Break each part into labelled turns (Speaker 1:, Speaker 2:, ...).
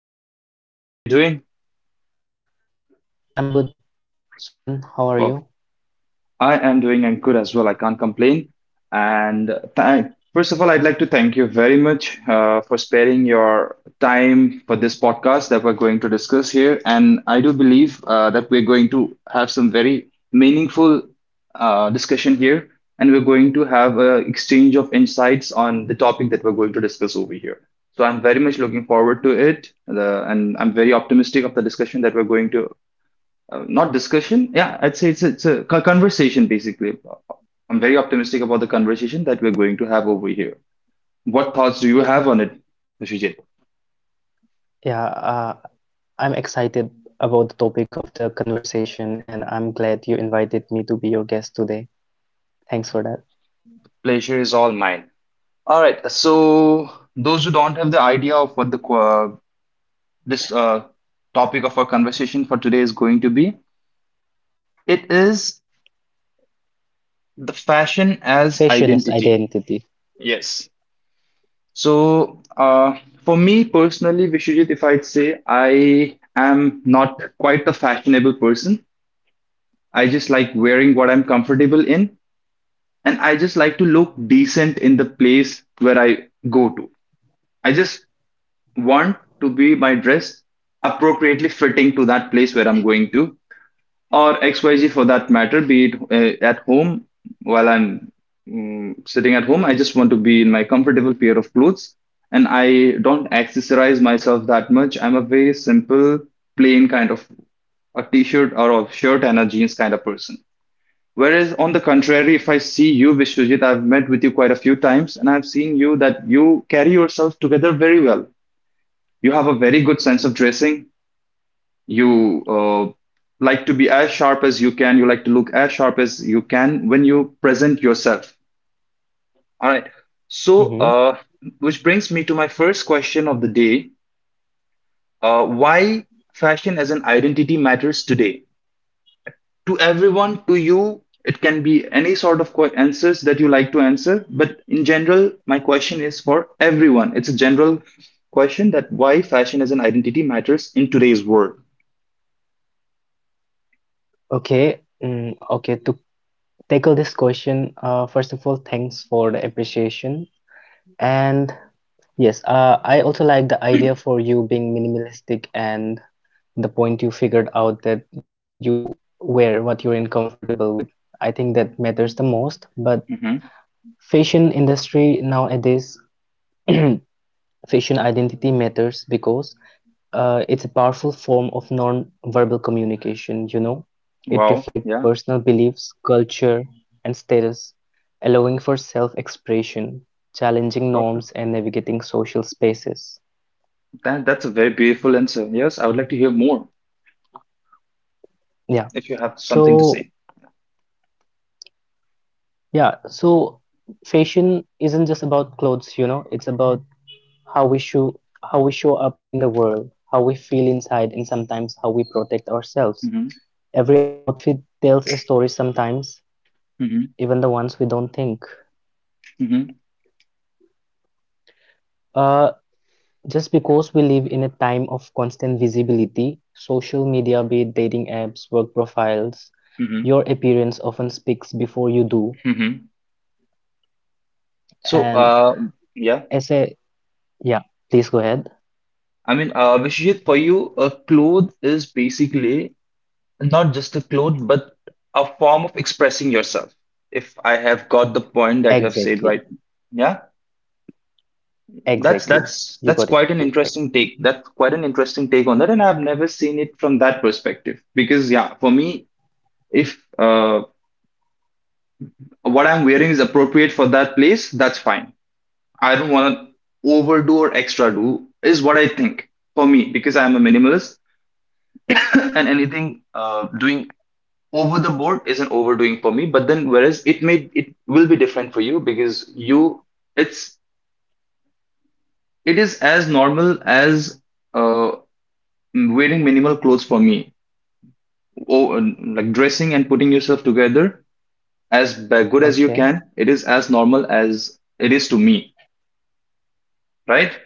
Speaker 1: Vishujit, how are you doing?
Speaker 2: I'm good, Suman. How
Speaker 1: Well,
Speaker 2: are you?
Speaker 1: I am doing and good as well. I can't complain. And th- first of all, I'd like to thank you very much, for sparing your time for this podcast that we're going to discuss here. And I do believe that we're going to have some very meaningful discussion here, and we're going to have an exchange of insights on the topic that we're going to discuss over here. So I'm very much looking forward to it, and I'm very optimistic of the discussion that we're going to, not discussion. Yeah, I'd say it's a conversation basically. I'm very optimistic about the conversation that we're going to have over here. What thoughts do you have on it, Shijit?
Speaker 2: Yeah, I'm excited about the topic of the conversation, and I'm glad you invited me to be your guest today. Thanks for that.
Speaker 1: Pleasure is all mine. All right. So those who don't have the idea of what the qu- this topic of our conversation for today is going to be, it is the fashion as
Speaker 2: Fashion is
Speaker 1: identity.
Speaker 2: identity.
Speaker 1: Yes. So, for me personally, Vishujit, if I'd say I am not quite a fashionable person, I just like wearing what I'm comfortable in, and I just like to look decent in the place where I go to. I just want to be my dress appropriately fitting to that place where I'm going to, or XYZ for that matter, be it at home while I'm sitting at home. I just want to be in my comfortable pair of clothes, and I don't accessorize myself that much. I'm a very simple, plain kind of a t shirt or a shirt and a jeans kind of person. Whereas on the contrary, if I see you, Vishwajit, I've met with you quite a few times, and I've seen you that you carry yourself together very well. You have a very good sense of dressing. You like to be as sharp as you can. You like to look as sharp as you can when you present yourself. All right. So,
Speaker 2: Mm-hmm.
Speaker 1: uh, which brings me to my first question of the day, why fashion as an identity matters today? To everyone, to you. It can be any sort of answers that you like to answer. But in general, my question is for everyone. It's a general question that why fashion as an identity matters in today's world.
Speaker 2: Okay, okay. To tackle this question, first of all, thanks for the appreciation. And yes, I also like the idea for you being minimalistic and the point you figured out that you wear what you're uncomfortable with. I think that matters the most. But
Speaker 1: Hmm.
Speaker 2: fashion industry nowadays, fashion identity matters because it's a powerful form of non-verbal communication. It
Speaker 1: Wow.
Speaker 2: reflects
Speaker 1: Yeah.
Speaker 2: personal beliefs, culture, and status, allowing for self-expression, challenging
Speaker 1: Perfect.
Speaker 2: norms, and navigating social spaces.
Speaker 1: That's a very beautiful answer. Yes. I would like to hear more
Speaker 2: yeah
Speaker 1: if you have something to
Speaker 2: so
Speaker 1: say.
Speaker 2: yeah so fashion isn't just about clothes. It's about how we show how we show up in the world, how we feel inside, and sometimes how we protect ourselves.
Speaker 1: Hmm.
Speaker 2: Every outfit tells a story sometimes,
Speaker 1: Hmm.
Speaker 2: even the ones we don't think.
Speaker 1: Hmm.
Speaker 2: Uh, just because we live in a time of constant visibility, social media, be it dating apps, work profiles,
Speaker 1: Hmm.
Speaker 2: your appearance often speaks before you do.
Speaker 1: Hmm. So,
Speaker 2: And
Speaker 1: yeah.
Speaker 2: as a yeah, please go ahead.
Speaker 1: I mean, Vishijit, for you, a cloth is basically not just a clothes, but a form of expressing yourself. If I have got the point that you have said
Speaker 2: Exactly,
Speaker 1: right, yeah, that's
Speaker 2: exactly.
Speaker 1: that's
Speaker 2: You
Speaker 1: that's
Speaker 2: got it
Speaker 1: quite an
Speaker 2: right.
Speaker 1: interesting take. That's quite an interesting take on that, and I've never seen it from that perspective. Because yeah, for me, if what I'm wearing is appropriate for that place, that's fine. I don't want to overdo or extra do, is what I think, for me because I'm a minimalist, and anything doing over the board isn't overdoing for me. But then, whereas it will be different for you, because you it's it is as normal as uh wearing minimal clothes for me. Oh, like dressing and putting yourself together as good as you
Speaker 2: Okay.
Speaker 1: can, it is as normal as it is to me, right.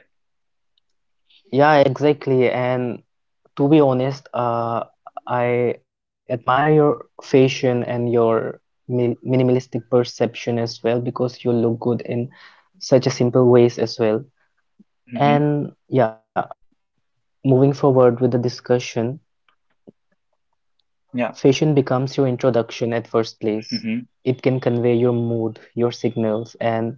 Speaker 2: Yeah, exactly. And to be honest, I admire your fashion and your mi minimalistic perception as well, because you look good in such a simple ways as well.
Speaker 1: Mm-hmm.
Speaker 2: And yeah, moving forward with the discussion,
Speaker 1: Yeah.
Speaker 2: fashion becomes your introduction at first place.
Speaker 1: Mm-hmm.
Speaker 2: It can convey your mood, your signals, and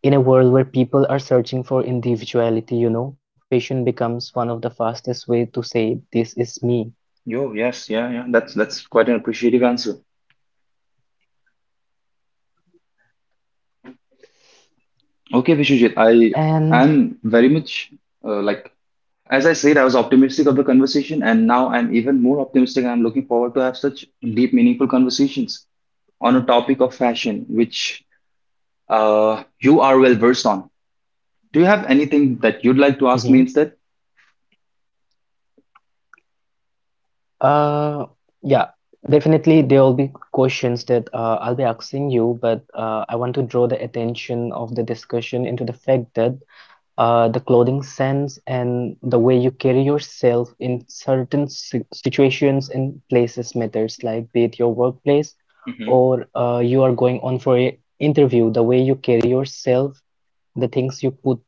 Speaker 2: in a world where people are searching for individuality, fashion becomes one of the fastest way to say this is me.
Speaker 1: yo Yes, yeah, yeah, that's quite an appreciative answer. Okay, Vishujit, I
Speaker 2: And
Speaker 1: am very much, uh, like as I said, I was optimistic of the conversation, and now I'm even more optimistic. I'm looking forward to have such deep, meaningful conversations on a topic of fashion, which you are well versed on. Do you have anything that you'd like to ask me
Speaker 2: Mhm.
Speaker 1: instead?
Speaker 2: Uh, yeah, definitely there will be questions that I'll be asking you, but I want to draw the attention of the discussion into the fact that the clothing sense and the way you carry yourself in certain situations and places matters, like be it your workplace
Speaker 1: Hmm.
Speaker 2: or you are going on for an interview. The way you carry yourself, the things you put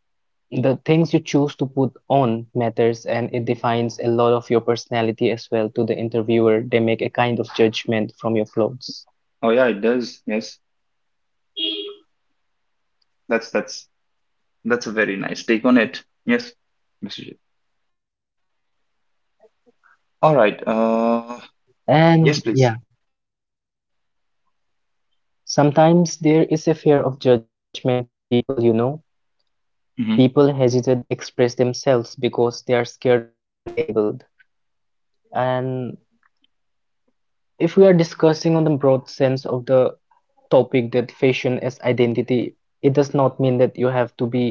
Speaker 2: the things you choose to put on matters, and it defines a lot of your personality as well to the interviewer. They make a kind of judgment from your clothes.
Speaker 1: Oh yeah, it does. Yes, that's that's that's a very nice take on it. Yes, Mr. J. All right.
Speaker 2: And
Speaker 1: Yes,
Speaker 2: yeah,
Speaker 1: please.
Speaker 2: sometimes there is a fear of judgment in people. People hesitate to express themselves because they are scared of being labeled. And if we are discussing on the broad sense of the topic that fashion as identity, it does not mean that you have to be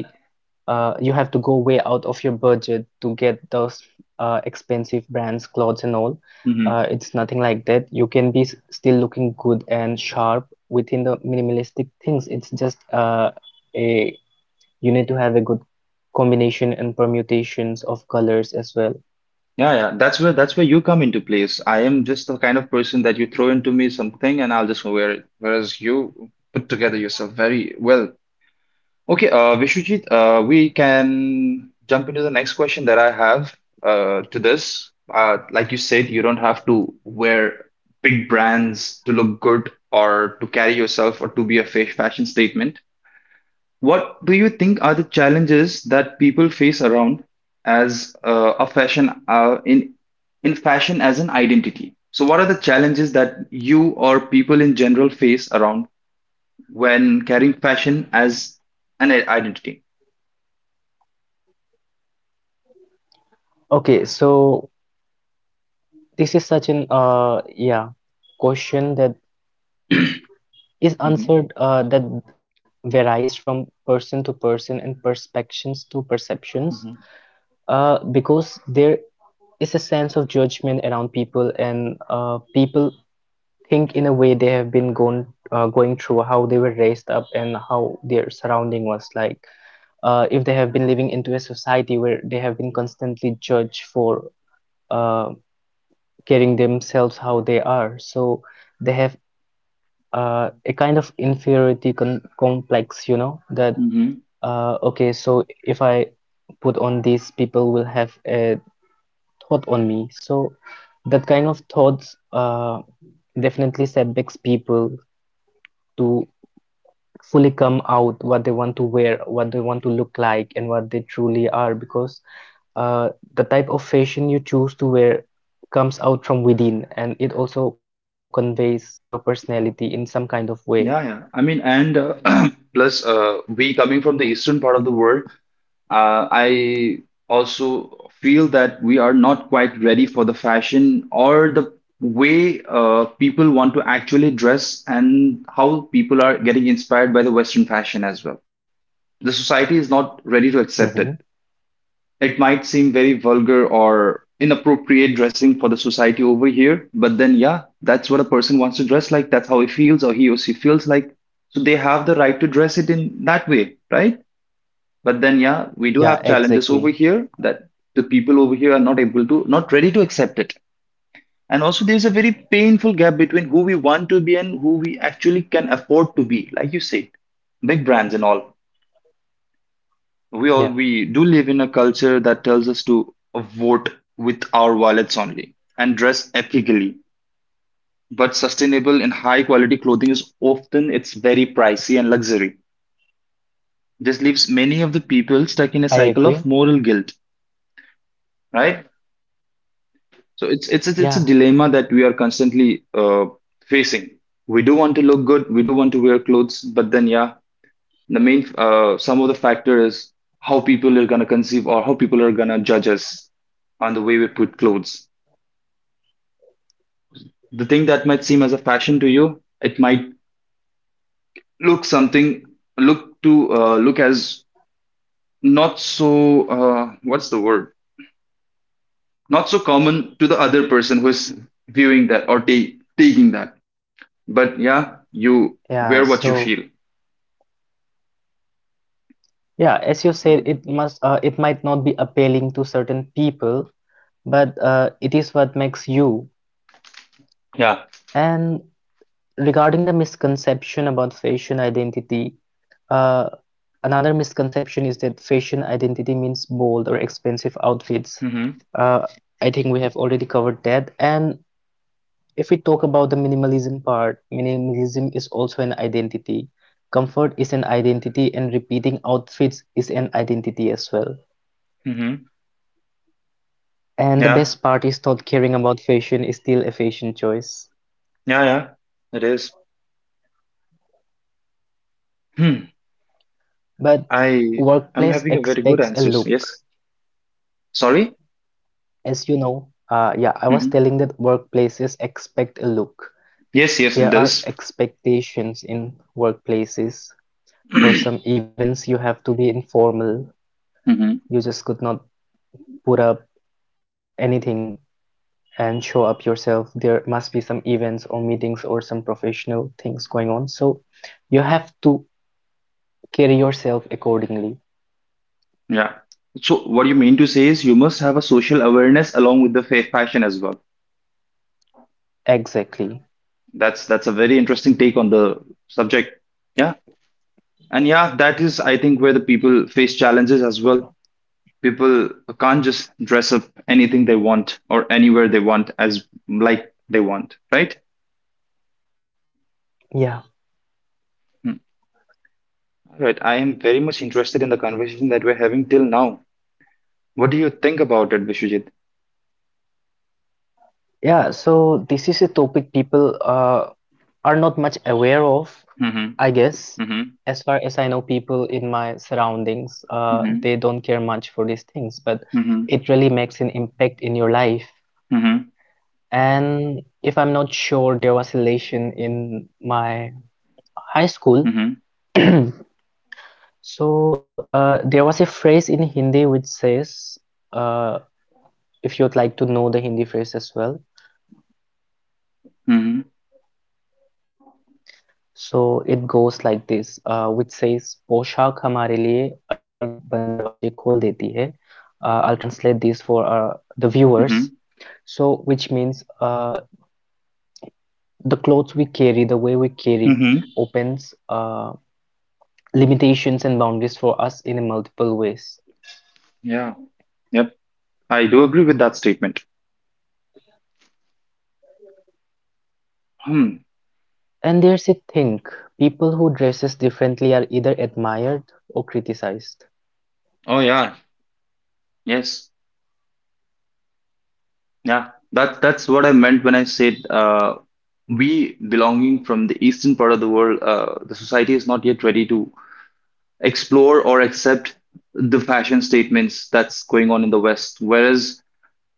Speaker 2: Uh, you have to go way out of your budget to get those expensive brands, clothes, and all.
Speaker 1: Mm-hmm.
Speaker 2: It's nothing like that. You can be still looking good and sharp within the minimalistic things. It's just a you need to have a good combination and permutations of colors as well.
Speaker 1: Yeah, yeah, that's where you come into place. I am just the kind of person that you throw into me something and I'll just wear it. Whereas you put together yourself very well. Okay, Vishwajit, we can jump into the next question that I have, to this. Like you said, you don't have to wear big brands to look good or to carry yourself or to be a fashion statement. What do you think are the challenges that people face around, as a fashion in fashion as an identity? So, what are the challenges that you or people in general face around when carrying fashion as an identity?
Speaker 2: Okay, so this is such an question that is
Speaker 1: Hmm.
Speaker 2: answered that varies from person to person and perspectives to perceptions.
Speaker 1: Hmm.
Speaker 2: Because there is a sense of judgment around people, and people think in a way they have been going through how they were raised up and how their surrounding was like. If they have been living into a society where they have been constantly judged for uh, carrying themselves how they are, so they have a kind of inferiority complex, you know, that
Speaker 1: Hmm.
Speaker 2: okay, so if I put on, these people will have a thought on me. So that kind of thoughts definitely setbacks people to fully come out what they want to wear, what they want to look like, and what they truly are, because the type of fashion you choose to wear comes out from within, and it also conveys your personality in some kind of way.
Speaker 1: Yeah, yeah. I mean, and plus, we coming from the eastern part of the world, I also feel that we are not quite ready for the fashion or the way people want to actually dress and how people are getting inspired by the Western fashion as well. The society is not ready to accept
Speaker 2: Mm-hmm.
Speaker 1: it. It might seem very vulgar or inappropriate dressing for the society over here, but then, yeah, that's what a person wants to dress like. That's how he feels, or he or she feels like. So they have the right to dress it in that way, right? But then, yeah, we do
Speaker 2: Yeah,
Speaker 1: have challenges over
Speaker 2: exactly.
Speaker 1: here that the people over here are not able to, not ready to accept it. And also, there's a very painful gap between who we want to be and who we actually can afford to be. Like you said, big brands and all. We all
Speaker 2: Yeah,
Speaker 1: we do live in a culture that tells us to vote with our wallets only and dress ethically. But sustainable and high quality clothing is often it's very pricey and luxury. This leaves many of the people stuck
Speaker 2: I
Speaker 1: in a
Speaker 2: agree.
Speaker 1: cycle of moral guilt, right? So it's it's it's
Speaker 2: Yeah,
Speaker 1: it's a dilemma that we are constantly facing. We do want to look good, we do want to wear clothes, but then yeah, the main some of the factor is how people are gonna conceive or how people are gonna judge us on the way we put clothes. The thing that might seem as a fashion to you, it might look something look to look as not so, what's the word? Not so common to the other person who is viewing that or taking that. But yeah, you
Speaker 2: yeah.
Speaker 1: wear what you
Speaker 2: So,
Speaker 1: feel.
Speaker 2: yeah, as you said, it might not be appealing to certain people, but it is what makes you.
Speaker 1: Yeah.
Speaker 2: And regarding the misconception about fashion identity, uh, another misconception is that fashion identity means bold or expensive outfits.
Speaker 1: Mm-hmm.
Speaker 2: Uh, I think we have already covered that. And if we talk about the minimalism part, minimalism is also an identity. Comfort is an identity, and repeating outfits is an identity as well.
Speaker 1: Mm-hmm.
Speaker 2: And the
Speaker 1: Yeah.
Speaker 2: best part is, not caring about fashion is still a fashion choice.
Speaker 1: Yeah. Yeah. It is. Hmm.
Speaker 2: But
Speaker 1: I I'm
Speaker 2: workplace
Speaker 1: having a very good
Speaker 2: expects a
Speaker 1: answers.
Speaker 2: look.
Speaker 1: Yes. Sorry.
Speaker 2: As you know, I was
Speaker 1: Mm-hmm.
Speaker 2: telling that workplaces expect a look.
Speaker 1: Yes. Yes. It
Speaker 2: There are
Speaker 1: does.
Speaker 2: expectations in workplaces. For
Speaker 1: Mm-hmm.
Speaker 2: some events, you have to be informal. You just could not put up anything and show up yourself. There must be some events or meetings or some professional things going on. So you have to carry yourself accordingly.
Speaker 1: Yeah. So what you mean to say is you must have a social awareness along with the faith passion as well.
Speaker 2: Exactly.
Speaker 1: That's a very interesting take on the subject. Yeah. And yeah, that is I think where the people face challenges as well. People can't just dress up anything they want or anywhere they want as like they want, right?
Speaker 2: Yeah.
Speaker 1: Hmm. All right, I am very much interested in the conversation that we're having till now. What do you think about it, Vishujit?
Speaker 2: Yeah. So this is a topic people are not much aware of,
Speaker 1: Mm-hmm.
Speaker 2: I guess.
Speaker 1: Mm-hmm.
Speaker 2: As far as I know, people in my surroundings, they
Speaker 1: Mm-hmm.
Speaker 2: don't care much for these things, but
Speaker 1: Mm-hmm.
Speaker 2: it really makes an impact in your life.
Speaker 1: Mm-hmm.
Speaker 2: And if I'm not sure, there was a elation in my high school.
Speaker 1: Mm-hmm.
Speaker 2: So, there was a phrase in Hindi which says, uh, if you'd like to know the Hindi phrase as well.
Speaker 1: Mm-hmm.
Speaker 2: So it goes like this, which says, पोशाक हमारे लिए अनेक बंद दरवाजे खोल देती है. I'll translate this for the viewers.
Speaker 1: Mm-hmm.
Speaker 2: So, which means the clothes we carry, the way we carry,
Speaker 1: Mm-hmm.
Speaker 2: opens limitations and boundaries for us in multiple ways.
Speaker 1: Yeah. Yep. I do agree with that statement. Hmm.
Speaker 2: And there's a thing, people who dresses differently are either admired or criticized.
Speaker 1: Oh yeah, yes, yeah, that's what I meant when I said, we belonging from the eastern part of the world, the society is not yet ready to explore or accept the fashion statements that's going on in the West. Whereas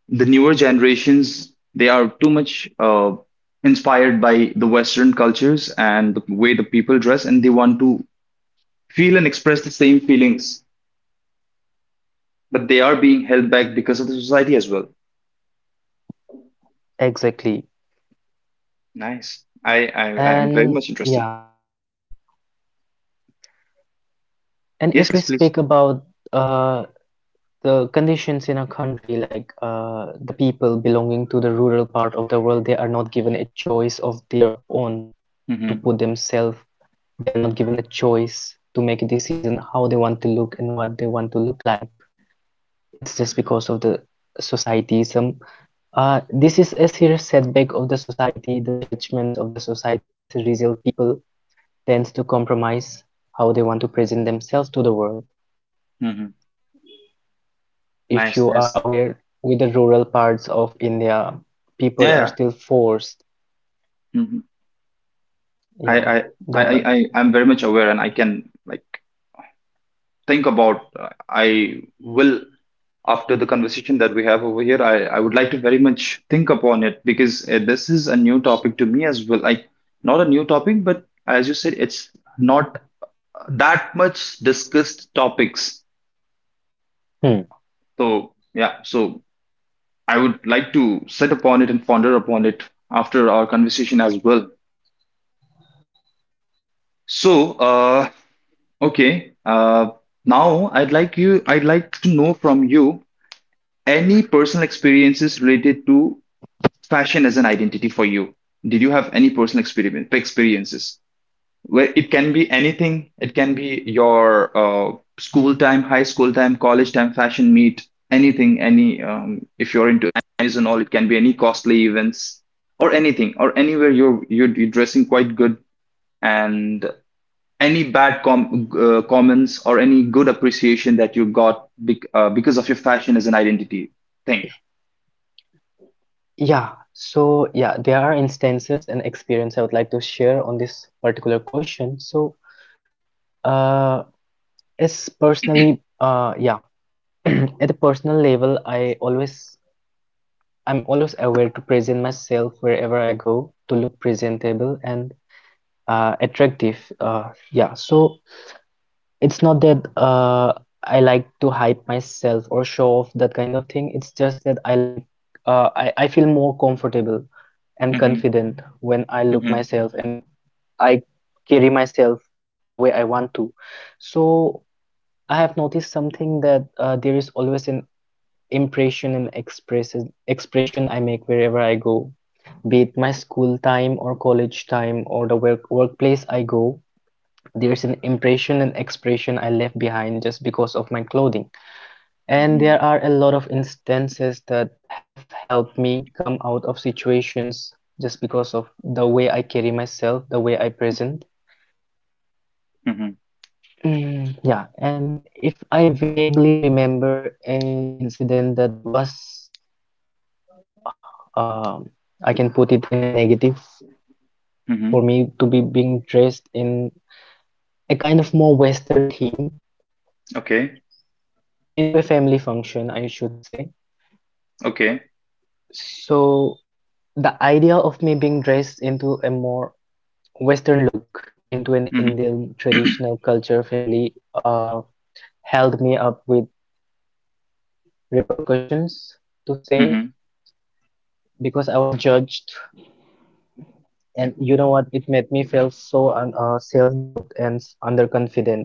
Speaker 1: the newer generations, they are too much inspired by the Western cultures and the way the people dress, and they want to feel and express the same feelings, but they are being held back because of the society as well.
Speaker 2: Exactly.
Speaker 1: Nice. I am very
Speaker 2: And
Speaker 1: much interested.
Speaker 2: yeah, and
Speaker 1: Yes,
Speaker 2: if we
Speaker 1: yes, please.
Speaker 2: speak about uh, the conditions in a country, like the people belonging to the rural part of the world, they are not given a choice of their own to
Speaker 1: Mm-hmm.
Speaker 2: put themselves. They are not given a choice to make a decision how they want to look and what they want to look like. It's just because of the societyism. This is a serious setback of the society, the judgments of the society. As a result, people tends to compromise how they want to present themselves to the world.
Speaker 1: Mm-hmm.
Speaker 2: If
Speaker 1: Nice,
Speaker 2: you are
Speaker 1: nice.
Speaker 2: aware, with the rural parts of India, people are
Speaker 1: Yeah,
Speaker 2: still forced.
Speaker 1: yeah. Hmm. I,
Speaker 2: Yeah,
Speaker 1: I
Speaker 2: the
Speaker 1: I'm very much aware, and I can like think about. I will, after the conversation that we have over here. I would like to very much think upon it, because this is a new topic to me as well. Like, not a new topic, but as you said, it's not that much discussed topics.
Speaker 2: Hmm.
Speaker 1: So yeah, so I would like to sit upon it and ponder upon it after our conversation as well. So okay. Now, I'd like to know from you any personal experiences related to fashion as an identity for you? Did you have any personal experiences? Where it can be anything. It can be your school time, high school time, college time, fashion meet, anything. Any if you're into animes and all, it can be any costly events or anything or anywhere you're dressing quite good and any bad comments or any good appreciation that you got because of your fashion as an identity thing.
Speaker 2: Yeah. So yeah, there are instances and experience I would like to share on this particular question. So uh, as personally, yeah, at a personal level, I'm always aware to present myself wherever I go to look presentable and attractive. Yeah, so it's not that I like to hype myself or show off that kind of thing. It's just that I feel more comfortable and
Speaker 1: Mm-hmm,
Speaker 2: confident when I look
Speaker 1: mm-hmm,
Speaker 2: myself and I carry myself the way I want to. So I have noticed something that there is always an impression and expression I make wherever I go, be it my school time or college time or the workplace I go. There's an impression and expression I left behind just because of my clothing. And
Speaker 1: mm-hmm,
Speaker 2: there are a lot of instances that have helped me come out of situations just because of the way I carry myself, the way I present.
Speaker 1: mm-hmm,
Speaker 2: Yeah, and if I vaguely remember a incident that was, um, I can put it in a negative
Speaker 1: mm-hmm.
Speaker 2: for me to be being dressed in a kind of more Western theme,
Speaker 1: Okay.
Speaker 2: into a family function, I should say.
Speaker 1: Okay.
Speaker 2: So the idea of me being dressed into a more Western look, into an
Speaker 1: Mhm.
Speaker 2: Indian traditional culture family, held me up with repercussions, to say,
Speaker 1: Mhm.
Speaker 2: because I was judged. And you know what? It made me feel so un self-doubt and underconfident.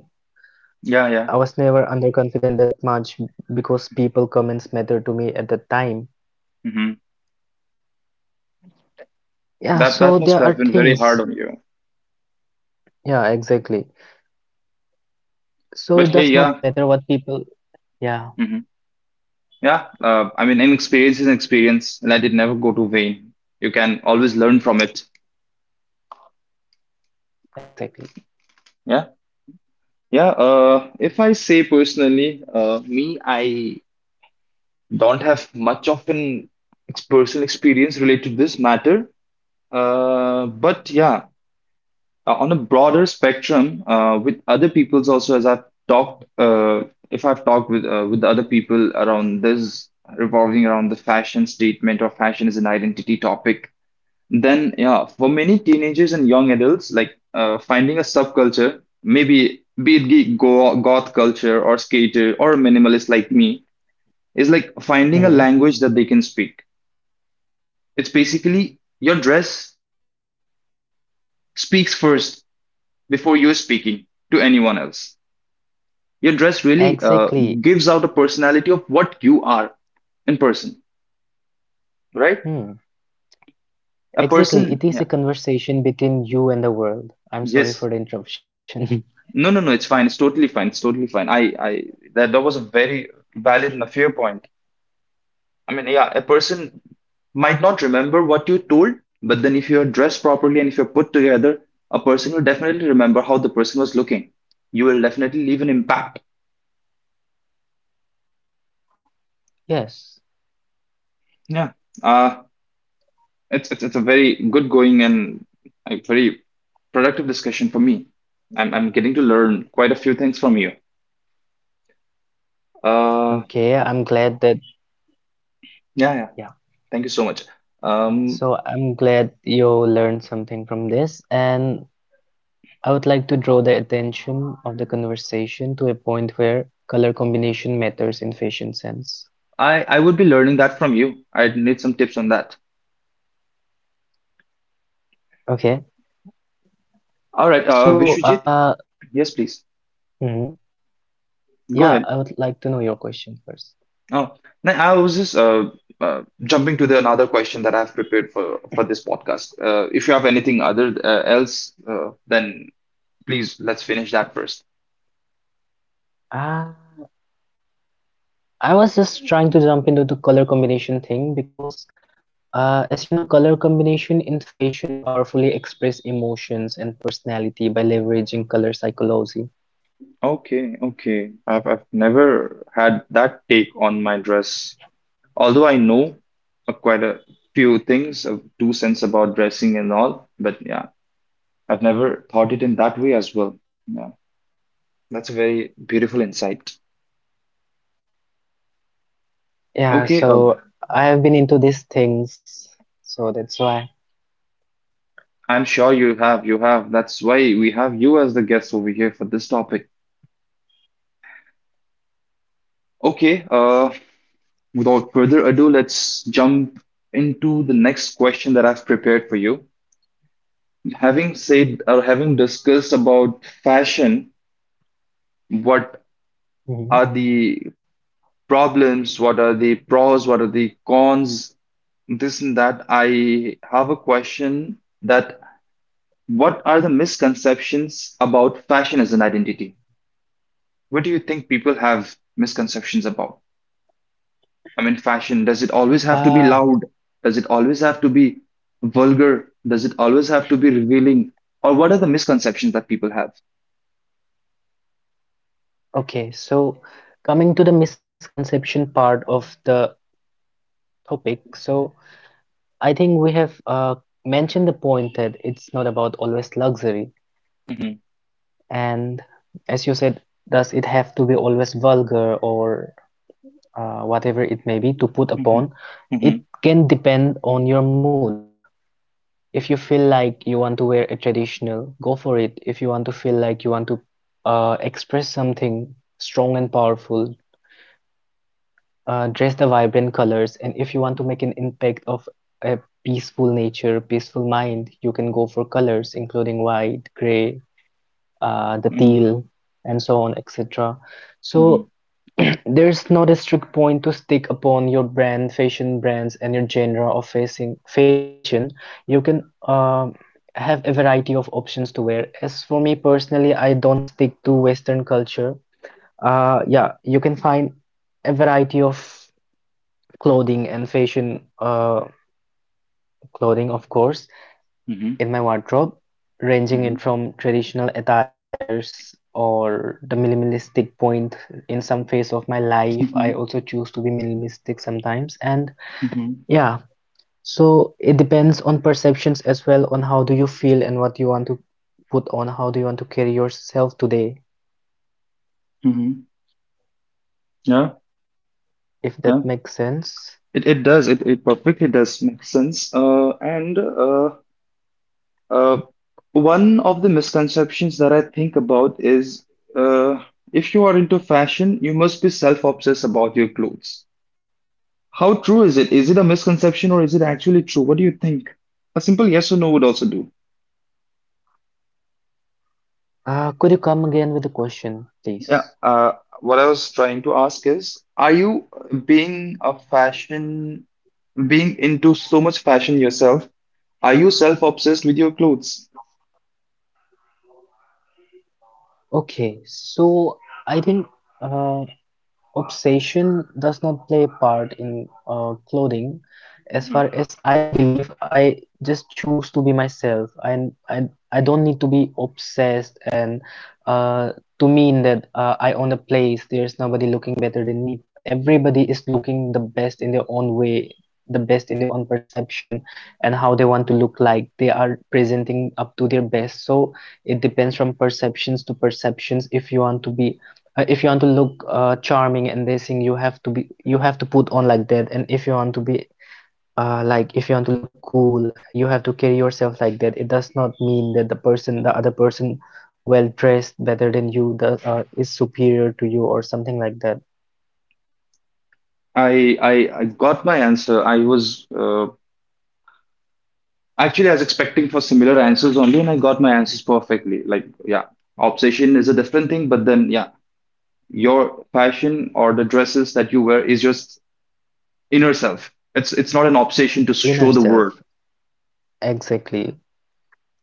Speaker 1: Yeah, yeah.
Speaker 2: I was never underconfident that much, because people comments matter to me at the time.
Speaker 1: Mhm.
Speaker 2: Yeah,
Speaker 1: That
Speaker 2: so
Speaker 1: must
Speaker 2: there
Speaker 1: have
Speaker 2: are
Speaker 1: been very hard
Speaker 2: things.
Speaker 1: on you.
Speaker 2: Yeah, exactly. So
Speaker 1: But
Speaker 2: it
Speaker 1: hey,
Speaker 2: does not
Speaker 1: yeah.
Speaker 2: matter what people. Yeah,
Speaker 1: Mhm. Yeah. I mean, an experience is an experience, and let it never go to vain. You can always learn from it.
Speaker 2: exactly.
Speaker 1: Yeah. Yeah. If I say personally, me, I don't have much of an personal experience related to this matter. But yeah, on a broader spectrum with other people's also as I've talked if I've talked with other people around this revolving around the fashion statement or fashion as an identity topic, then yeah, for many teenagers and young adults, like finding a subculture, maybe be it geek, goth culture or skater or a minimalist like me, is like finding a
Speaker 2: Mhm.
Speaker 1: language that they can speak. It's basically your dress speaks first before you're speaking to anyone else. Your dress really
Speaker 2: Exactly.
Speaker 1: gives out a personality of what you are in person, right?
Speaker 2: Hmm.
Speaker 1: A
Speaker 2: Exactly.
Speaker 1: person,
Speaker 2: It
Speaker 1: yeah,
Speaker 2: is a conversation between you and the world. I'm
Speaker 1: yes.
Speaker 2: sorry for the interruption.
Speaker 1: No, no, no, it's fine. It's totally fine. It's totally fine. That was a very valid and a fair point. I mean, yeah, a person might not remember what you told, but then if you're dressed properly and if you're put together, a person will definitely remember how the person was looking. You will definitely leave an impact.
Speaker 2: Yes.
Speaker 1: Yeah. Uh, it's a very good going and a very productive discussion for me. I'm getting to learn quite a few things from you. Uh,
Speaker 2: Okay. I'm glad that,
Speaker 1: yeah, yeah.
Speaker 2: yeah.
Speaker 1: Thank you so much. Um,
Speaker 2: So I'm glad you learned something from this. And I would like to draw the attention of the conversation to a point where color combination matters in fashion sense.
Speaker 1: I would be learning that from you. I need some tips on that.
Speaker 2: Okay.
Speaker 1: All right,
Speaker 2: So,
Speaker 1: Vishwijit, yes, please,
Speaker 2: mhm.
Speaker 1: go
Speaker 2: Yeah, I
Speaker 1: ahead.
Speaker 2: would like to know your question first.
Speaker 1: Oh, no, I was just jumping to the another question that I've prepared for this podcast. If you have anything other else, then please let's finish that first.
Speaker 2: Ah, I was just trying to jump into the color combination thing, because as you know, color combination in fashion powerfully express emotions and personality by leveraging color psychology.
Speaker 1: Okay, okay. I've never had that take on my dress. Although I know quite a few things, two cents about dressing and all, but yeah, I've never thought it in that way as well. Yeah, that's a very beautiful insight.
Speaker 2: Yeah,
Speaker 1: Okay,
Speaker 2: so I have been into these things, so that's why.
Speaker 1: I'm sure you have, you have. That's why we have you as the guest over here for this topic. Okay, without further ado, let's jump into the next question that I've prepared for you. Having said or having discussed about fashion, what
Speaker 2: Mhm.
Speaker 1: are the problems, what are the pros, what are the cons, this and that, I have a question that what are the misconceptions about fashion as an identity? What do you think people have misconceptions about? I mean, fashion, does it always have to be
Speaker 2: Uh,
Speaker 1: loud? Does it always have to be vulgar? Does it always have to be revealing? Or what are the misconceptions that people have?
Speaker 2: okay, so coming to the misconception part of the topic, so I think we have mentioned the point that it's not about always luxury.
Speaker 1: Hmm.
Speaker 2: And as you said, does it have to be always vulgar, or whatever it may be, to put upon,
Speaker 1: Hmm.
Speaker 2: it can depend on your mood. If you feel like you want to wear a traditional, go for it. If you want to feel like you want to express something strong and powerful, dress the vibrant colors. And if you want to make an impact of a peaceful nature, peaceful mind, you can go for colors, including white, gray, the
Speaker 1: Hmm.
Speaker 2: teal, and so on, etc.
Speaker 1: Mhm,
Speaker 2: So There's no strict point to stick upon your brand, fashion brands, and your genre of facing fashion. You can have a variety of options to wear. As for me personally, I don't stick to Western culture. Yeah, you can find a variety of clothing and fashion, clothing, of course,
Speaker 1: mhm,
Speaker 2: in my wardrobe, ranging
Speaker 1: mhm,
Speaker 2: it from traditional attires or the minimalistic point in some phase of my life. I also
Speaker 1: mhm,
Speaker 2: choose to be minimalistic sometimes, and
Speaker 1: mhm,
Speaker 2: yeah, so it depends on perceptions as well on how do you feel and what you want to put on, how do you want to carry yourself today,
Speaker 1: mhm. Yeah,
Speaker 2: if that
Speaker 1: yeah.
Speaker 2: makes sense.
Speaker 1: It does. It perfectly does make sense. And uh, one of the misconceptions that I think about is uh, if you are into fashion, you must be self-obsessed about your clothes. How true is it? Is it a misconception or is it actually true? What do you think? A simple yes or no would also do.
Speaker 2: Could you come again with the question, please?
Speaker 1: Yeah, what I was trying to ask is, are you being a fashion, being into so much fashion yourself? Are you self-obsessed with your clothes?
Speaker 2: Okay, so I think uh, obsession does not play a part in clothing as
Speaker 1: Hmm.
Speaker 2: far as I believe. I just choose to be myself, and I don't need to be obsessed and uh, to mean that I own the place. There's nobody looking better than me. Everybody is looking the best in their own way, the best in their own perception, and how they want to look like. They are presenting up to their best. So it depends from perceptions to perceptions. If you want to be if you want to look charming and this, you have to be, you have to put on like that. And if you want to be like if you want to look cool, you have to carry yourself like that. It does not mean that the person, the other person, well dressed, better than you, does is superior to you or something like that.
Speaker 1: I I, I got my answer. I was actually I was expecting for similar answers only, and I got my answers perfectly. Like, yeah, obsession is a different thing, but then yeah, your fashion or the dresses that you wear is just inner self. It's not an obsession to show
Speaker 2: Inner
Speaker 1: the world.
Speaker 2: self. Exactly.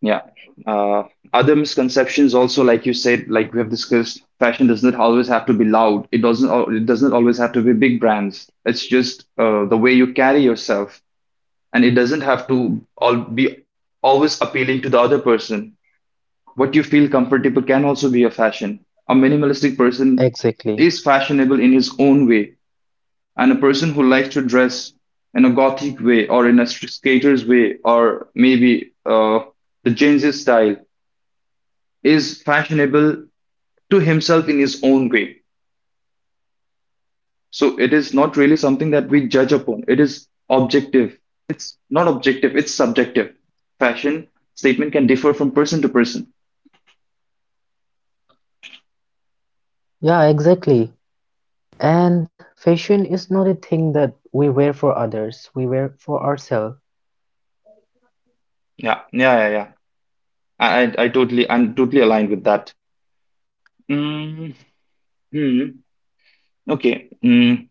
Speaker 1: Yeah. Uh, other misconceptions also, like you said, like we have discussed, fashion does not always have to be loud. It doesn't. It doesn't always have to be big brands. It's just the way you carry yourself, and it doesn't have to all be always appealing to the other person. What you feel comfortable can also be a fashion. A minimalistic person
Speaker 2: Exactly.
Speaker 1: is fashionable in his own way, and a person who likes to dress in a gothic way or in a skater's way or maybe the Gen Z style is fashionable to himself in his own way. So it is not really something that we judge upon. It is
Speaker 2: Yeah, exactly. And fashion is not a thing that we wear for others. We wear for ourselves.
Speaker 1: yeah, yeah, yeah. I totally, I'm totally aligned with that. Mm, hmm. Okay. Mm,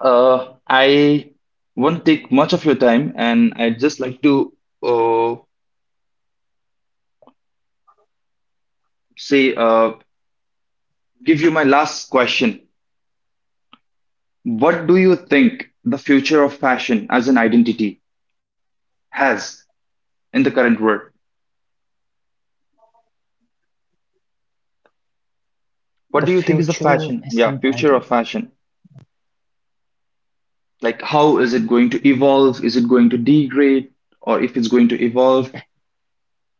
Speaker 1: I won't take much of your time, and I'd just like to uh, say, give you my last question. What do you think the future of fashion as an identity has in the current world?
Speaker 2: The
Speaker 1: What do you think is the
Speaker 2: future
Speaker 1: fashion?
Speaker 2: is
Speaker 1: Yeah,
Speaker 2: an
Speaker 1: future of
Speaker 2: identity.
Speaker 1: fashion. Like, how is it going to evolve? Is it going to degrade? Or if it's going to evolve,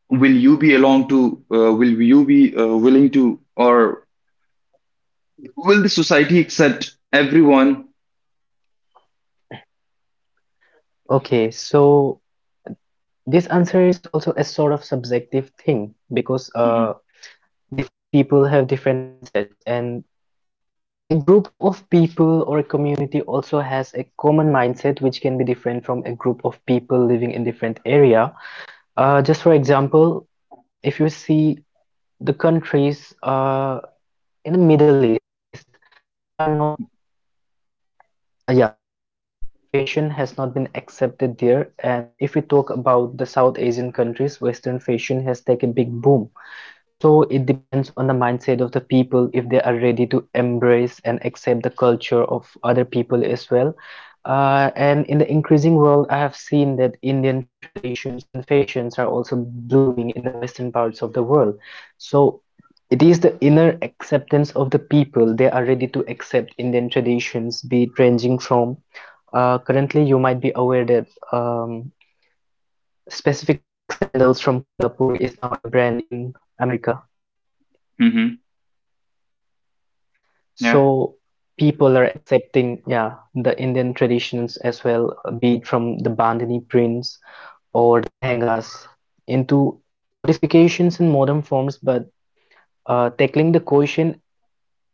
Speaker 1: will you be along to will you be willing to, or will the society accept everyone?
Speaker 2: Okay, so this answer is also a sort of subjective thing because
Speaker 1: Hmm.
Speaker 2: different people have different mindsets, and a group of people or a community also has a common mindset, which can be different from a group of people living in different area. Just for example, if you see the countries in the Middle East, they are not yeah. So Western fashion has not been accepted there, and if we talk about the South Asian countries, Western fashion has taken big boom. So it depends on the mindset of the people if they are ready to embrace and accept the culture of other people as well. And in the increasing world, I have seen that Indian traditions and fashions are also blooming in the Western parts of the world. So it is the inner acceptance of the people. They are ready to accept Indian traditions, be it ranging from currently you might be aware that um, specific sandals from Kolhapur is now a brand in America.
Speaker 1: Hmm. Yeah.
Speaker 2: So people are accepting, yeah, the Indian traditions as well, be it from the bandhani prints or the lehengas, into modifications in modern forms. But tackling the question,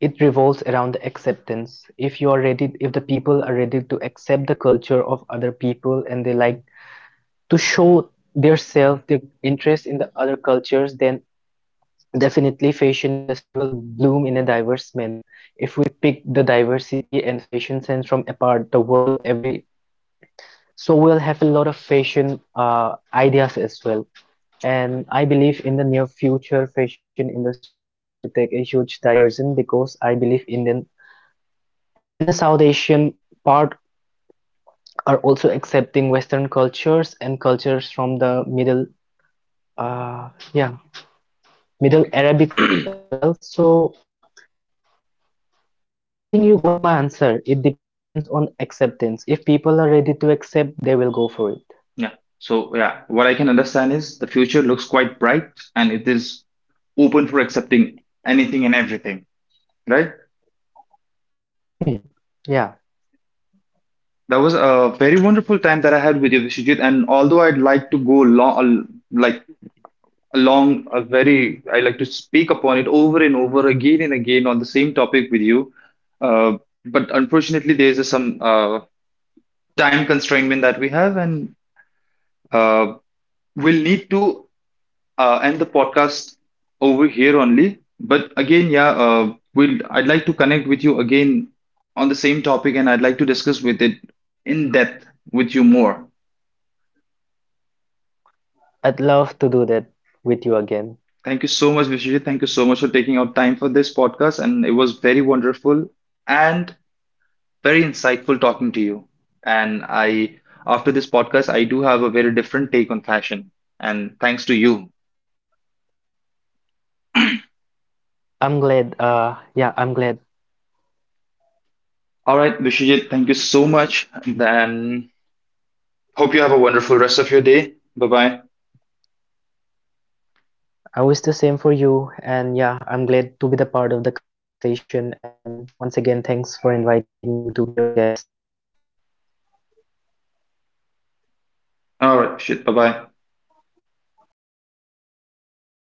Speaker 2: it revolves around the acceptance. If you are ready, if the people are ready to accept the culture of other people and they like to show their self, their interest in the other cultures, then definitely fashion industry will bloom in a diverse manner. If we pick the diversity and fashion sense from apart the world every, so we'll have a lot of fashion ideas as well. And I believe in the near future fashion industry is going to take a huge diversion because I believe Indian and the South Asian part are also accepting Western cultures and cultures from the Middle yeah, Middle Arabics as well. So I think you got my answer. It depends on acceptance. If people are ready to accept, they will go for it.
Speaker 1: Yeah, so yeah, what I can understand is the future looks quite bright and it is open for accepting anything and everything, right?
Speaker 2: Hmm. Yeah,
Speaker 1: That was a very wonderful time that I had with you, Vishijit. And although I'd like to go long, like along a very, I like to speak upon it over and over again and again on the same topic with you. Uh, but unfortunately, there's some time constraint that we have, and uh, we'll need to end the podcast over here only. But again, yeah, I'd like to connect with you again on the same topic, and I'd like to discuss with it in depth with you more.
Speaker 2: I'd love to do that with you again.
Speaker 1: Thank you so much, Vishijit. Thank you so much for taking out time for this podcast, and it was very wonderful. And very insightful talking to you. And I, after this podcast, I do have a very different take on fashion. And thanks to you.
Speaker 2: I'm glad. Yeah, I'm glad.
Speaker 1: All right, Vishijit, thank you so much. Then hope you have a wonderful rest of your day. Bye bye.
Speaker 2: I wish the same for you. And yeah, I'm glad to be the part of the conversation. And once again, thanks for inviting me to be your guest.
Speaker 1: All right, shit. Bye bye.
Speaker 2: Bye.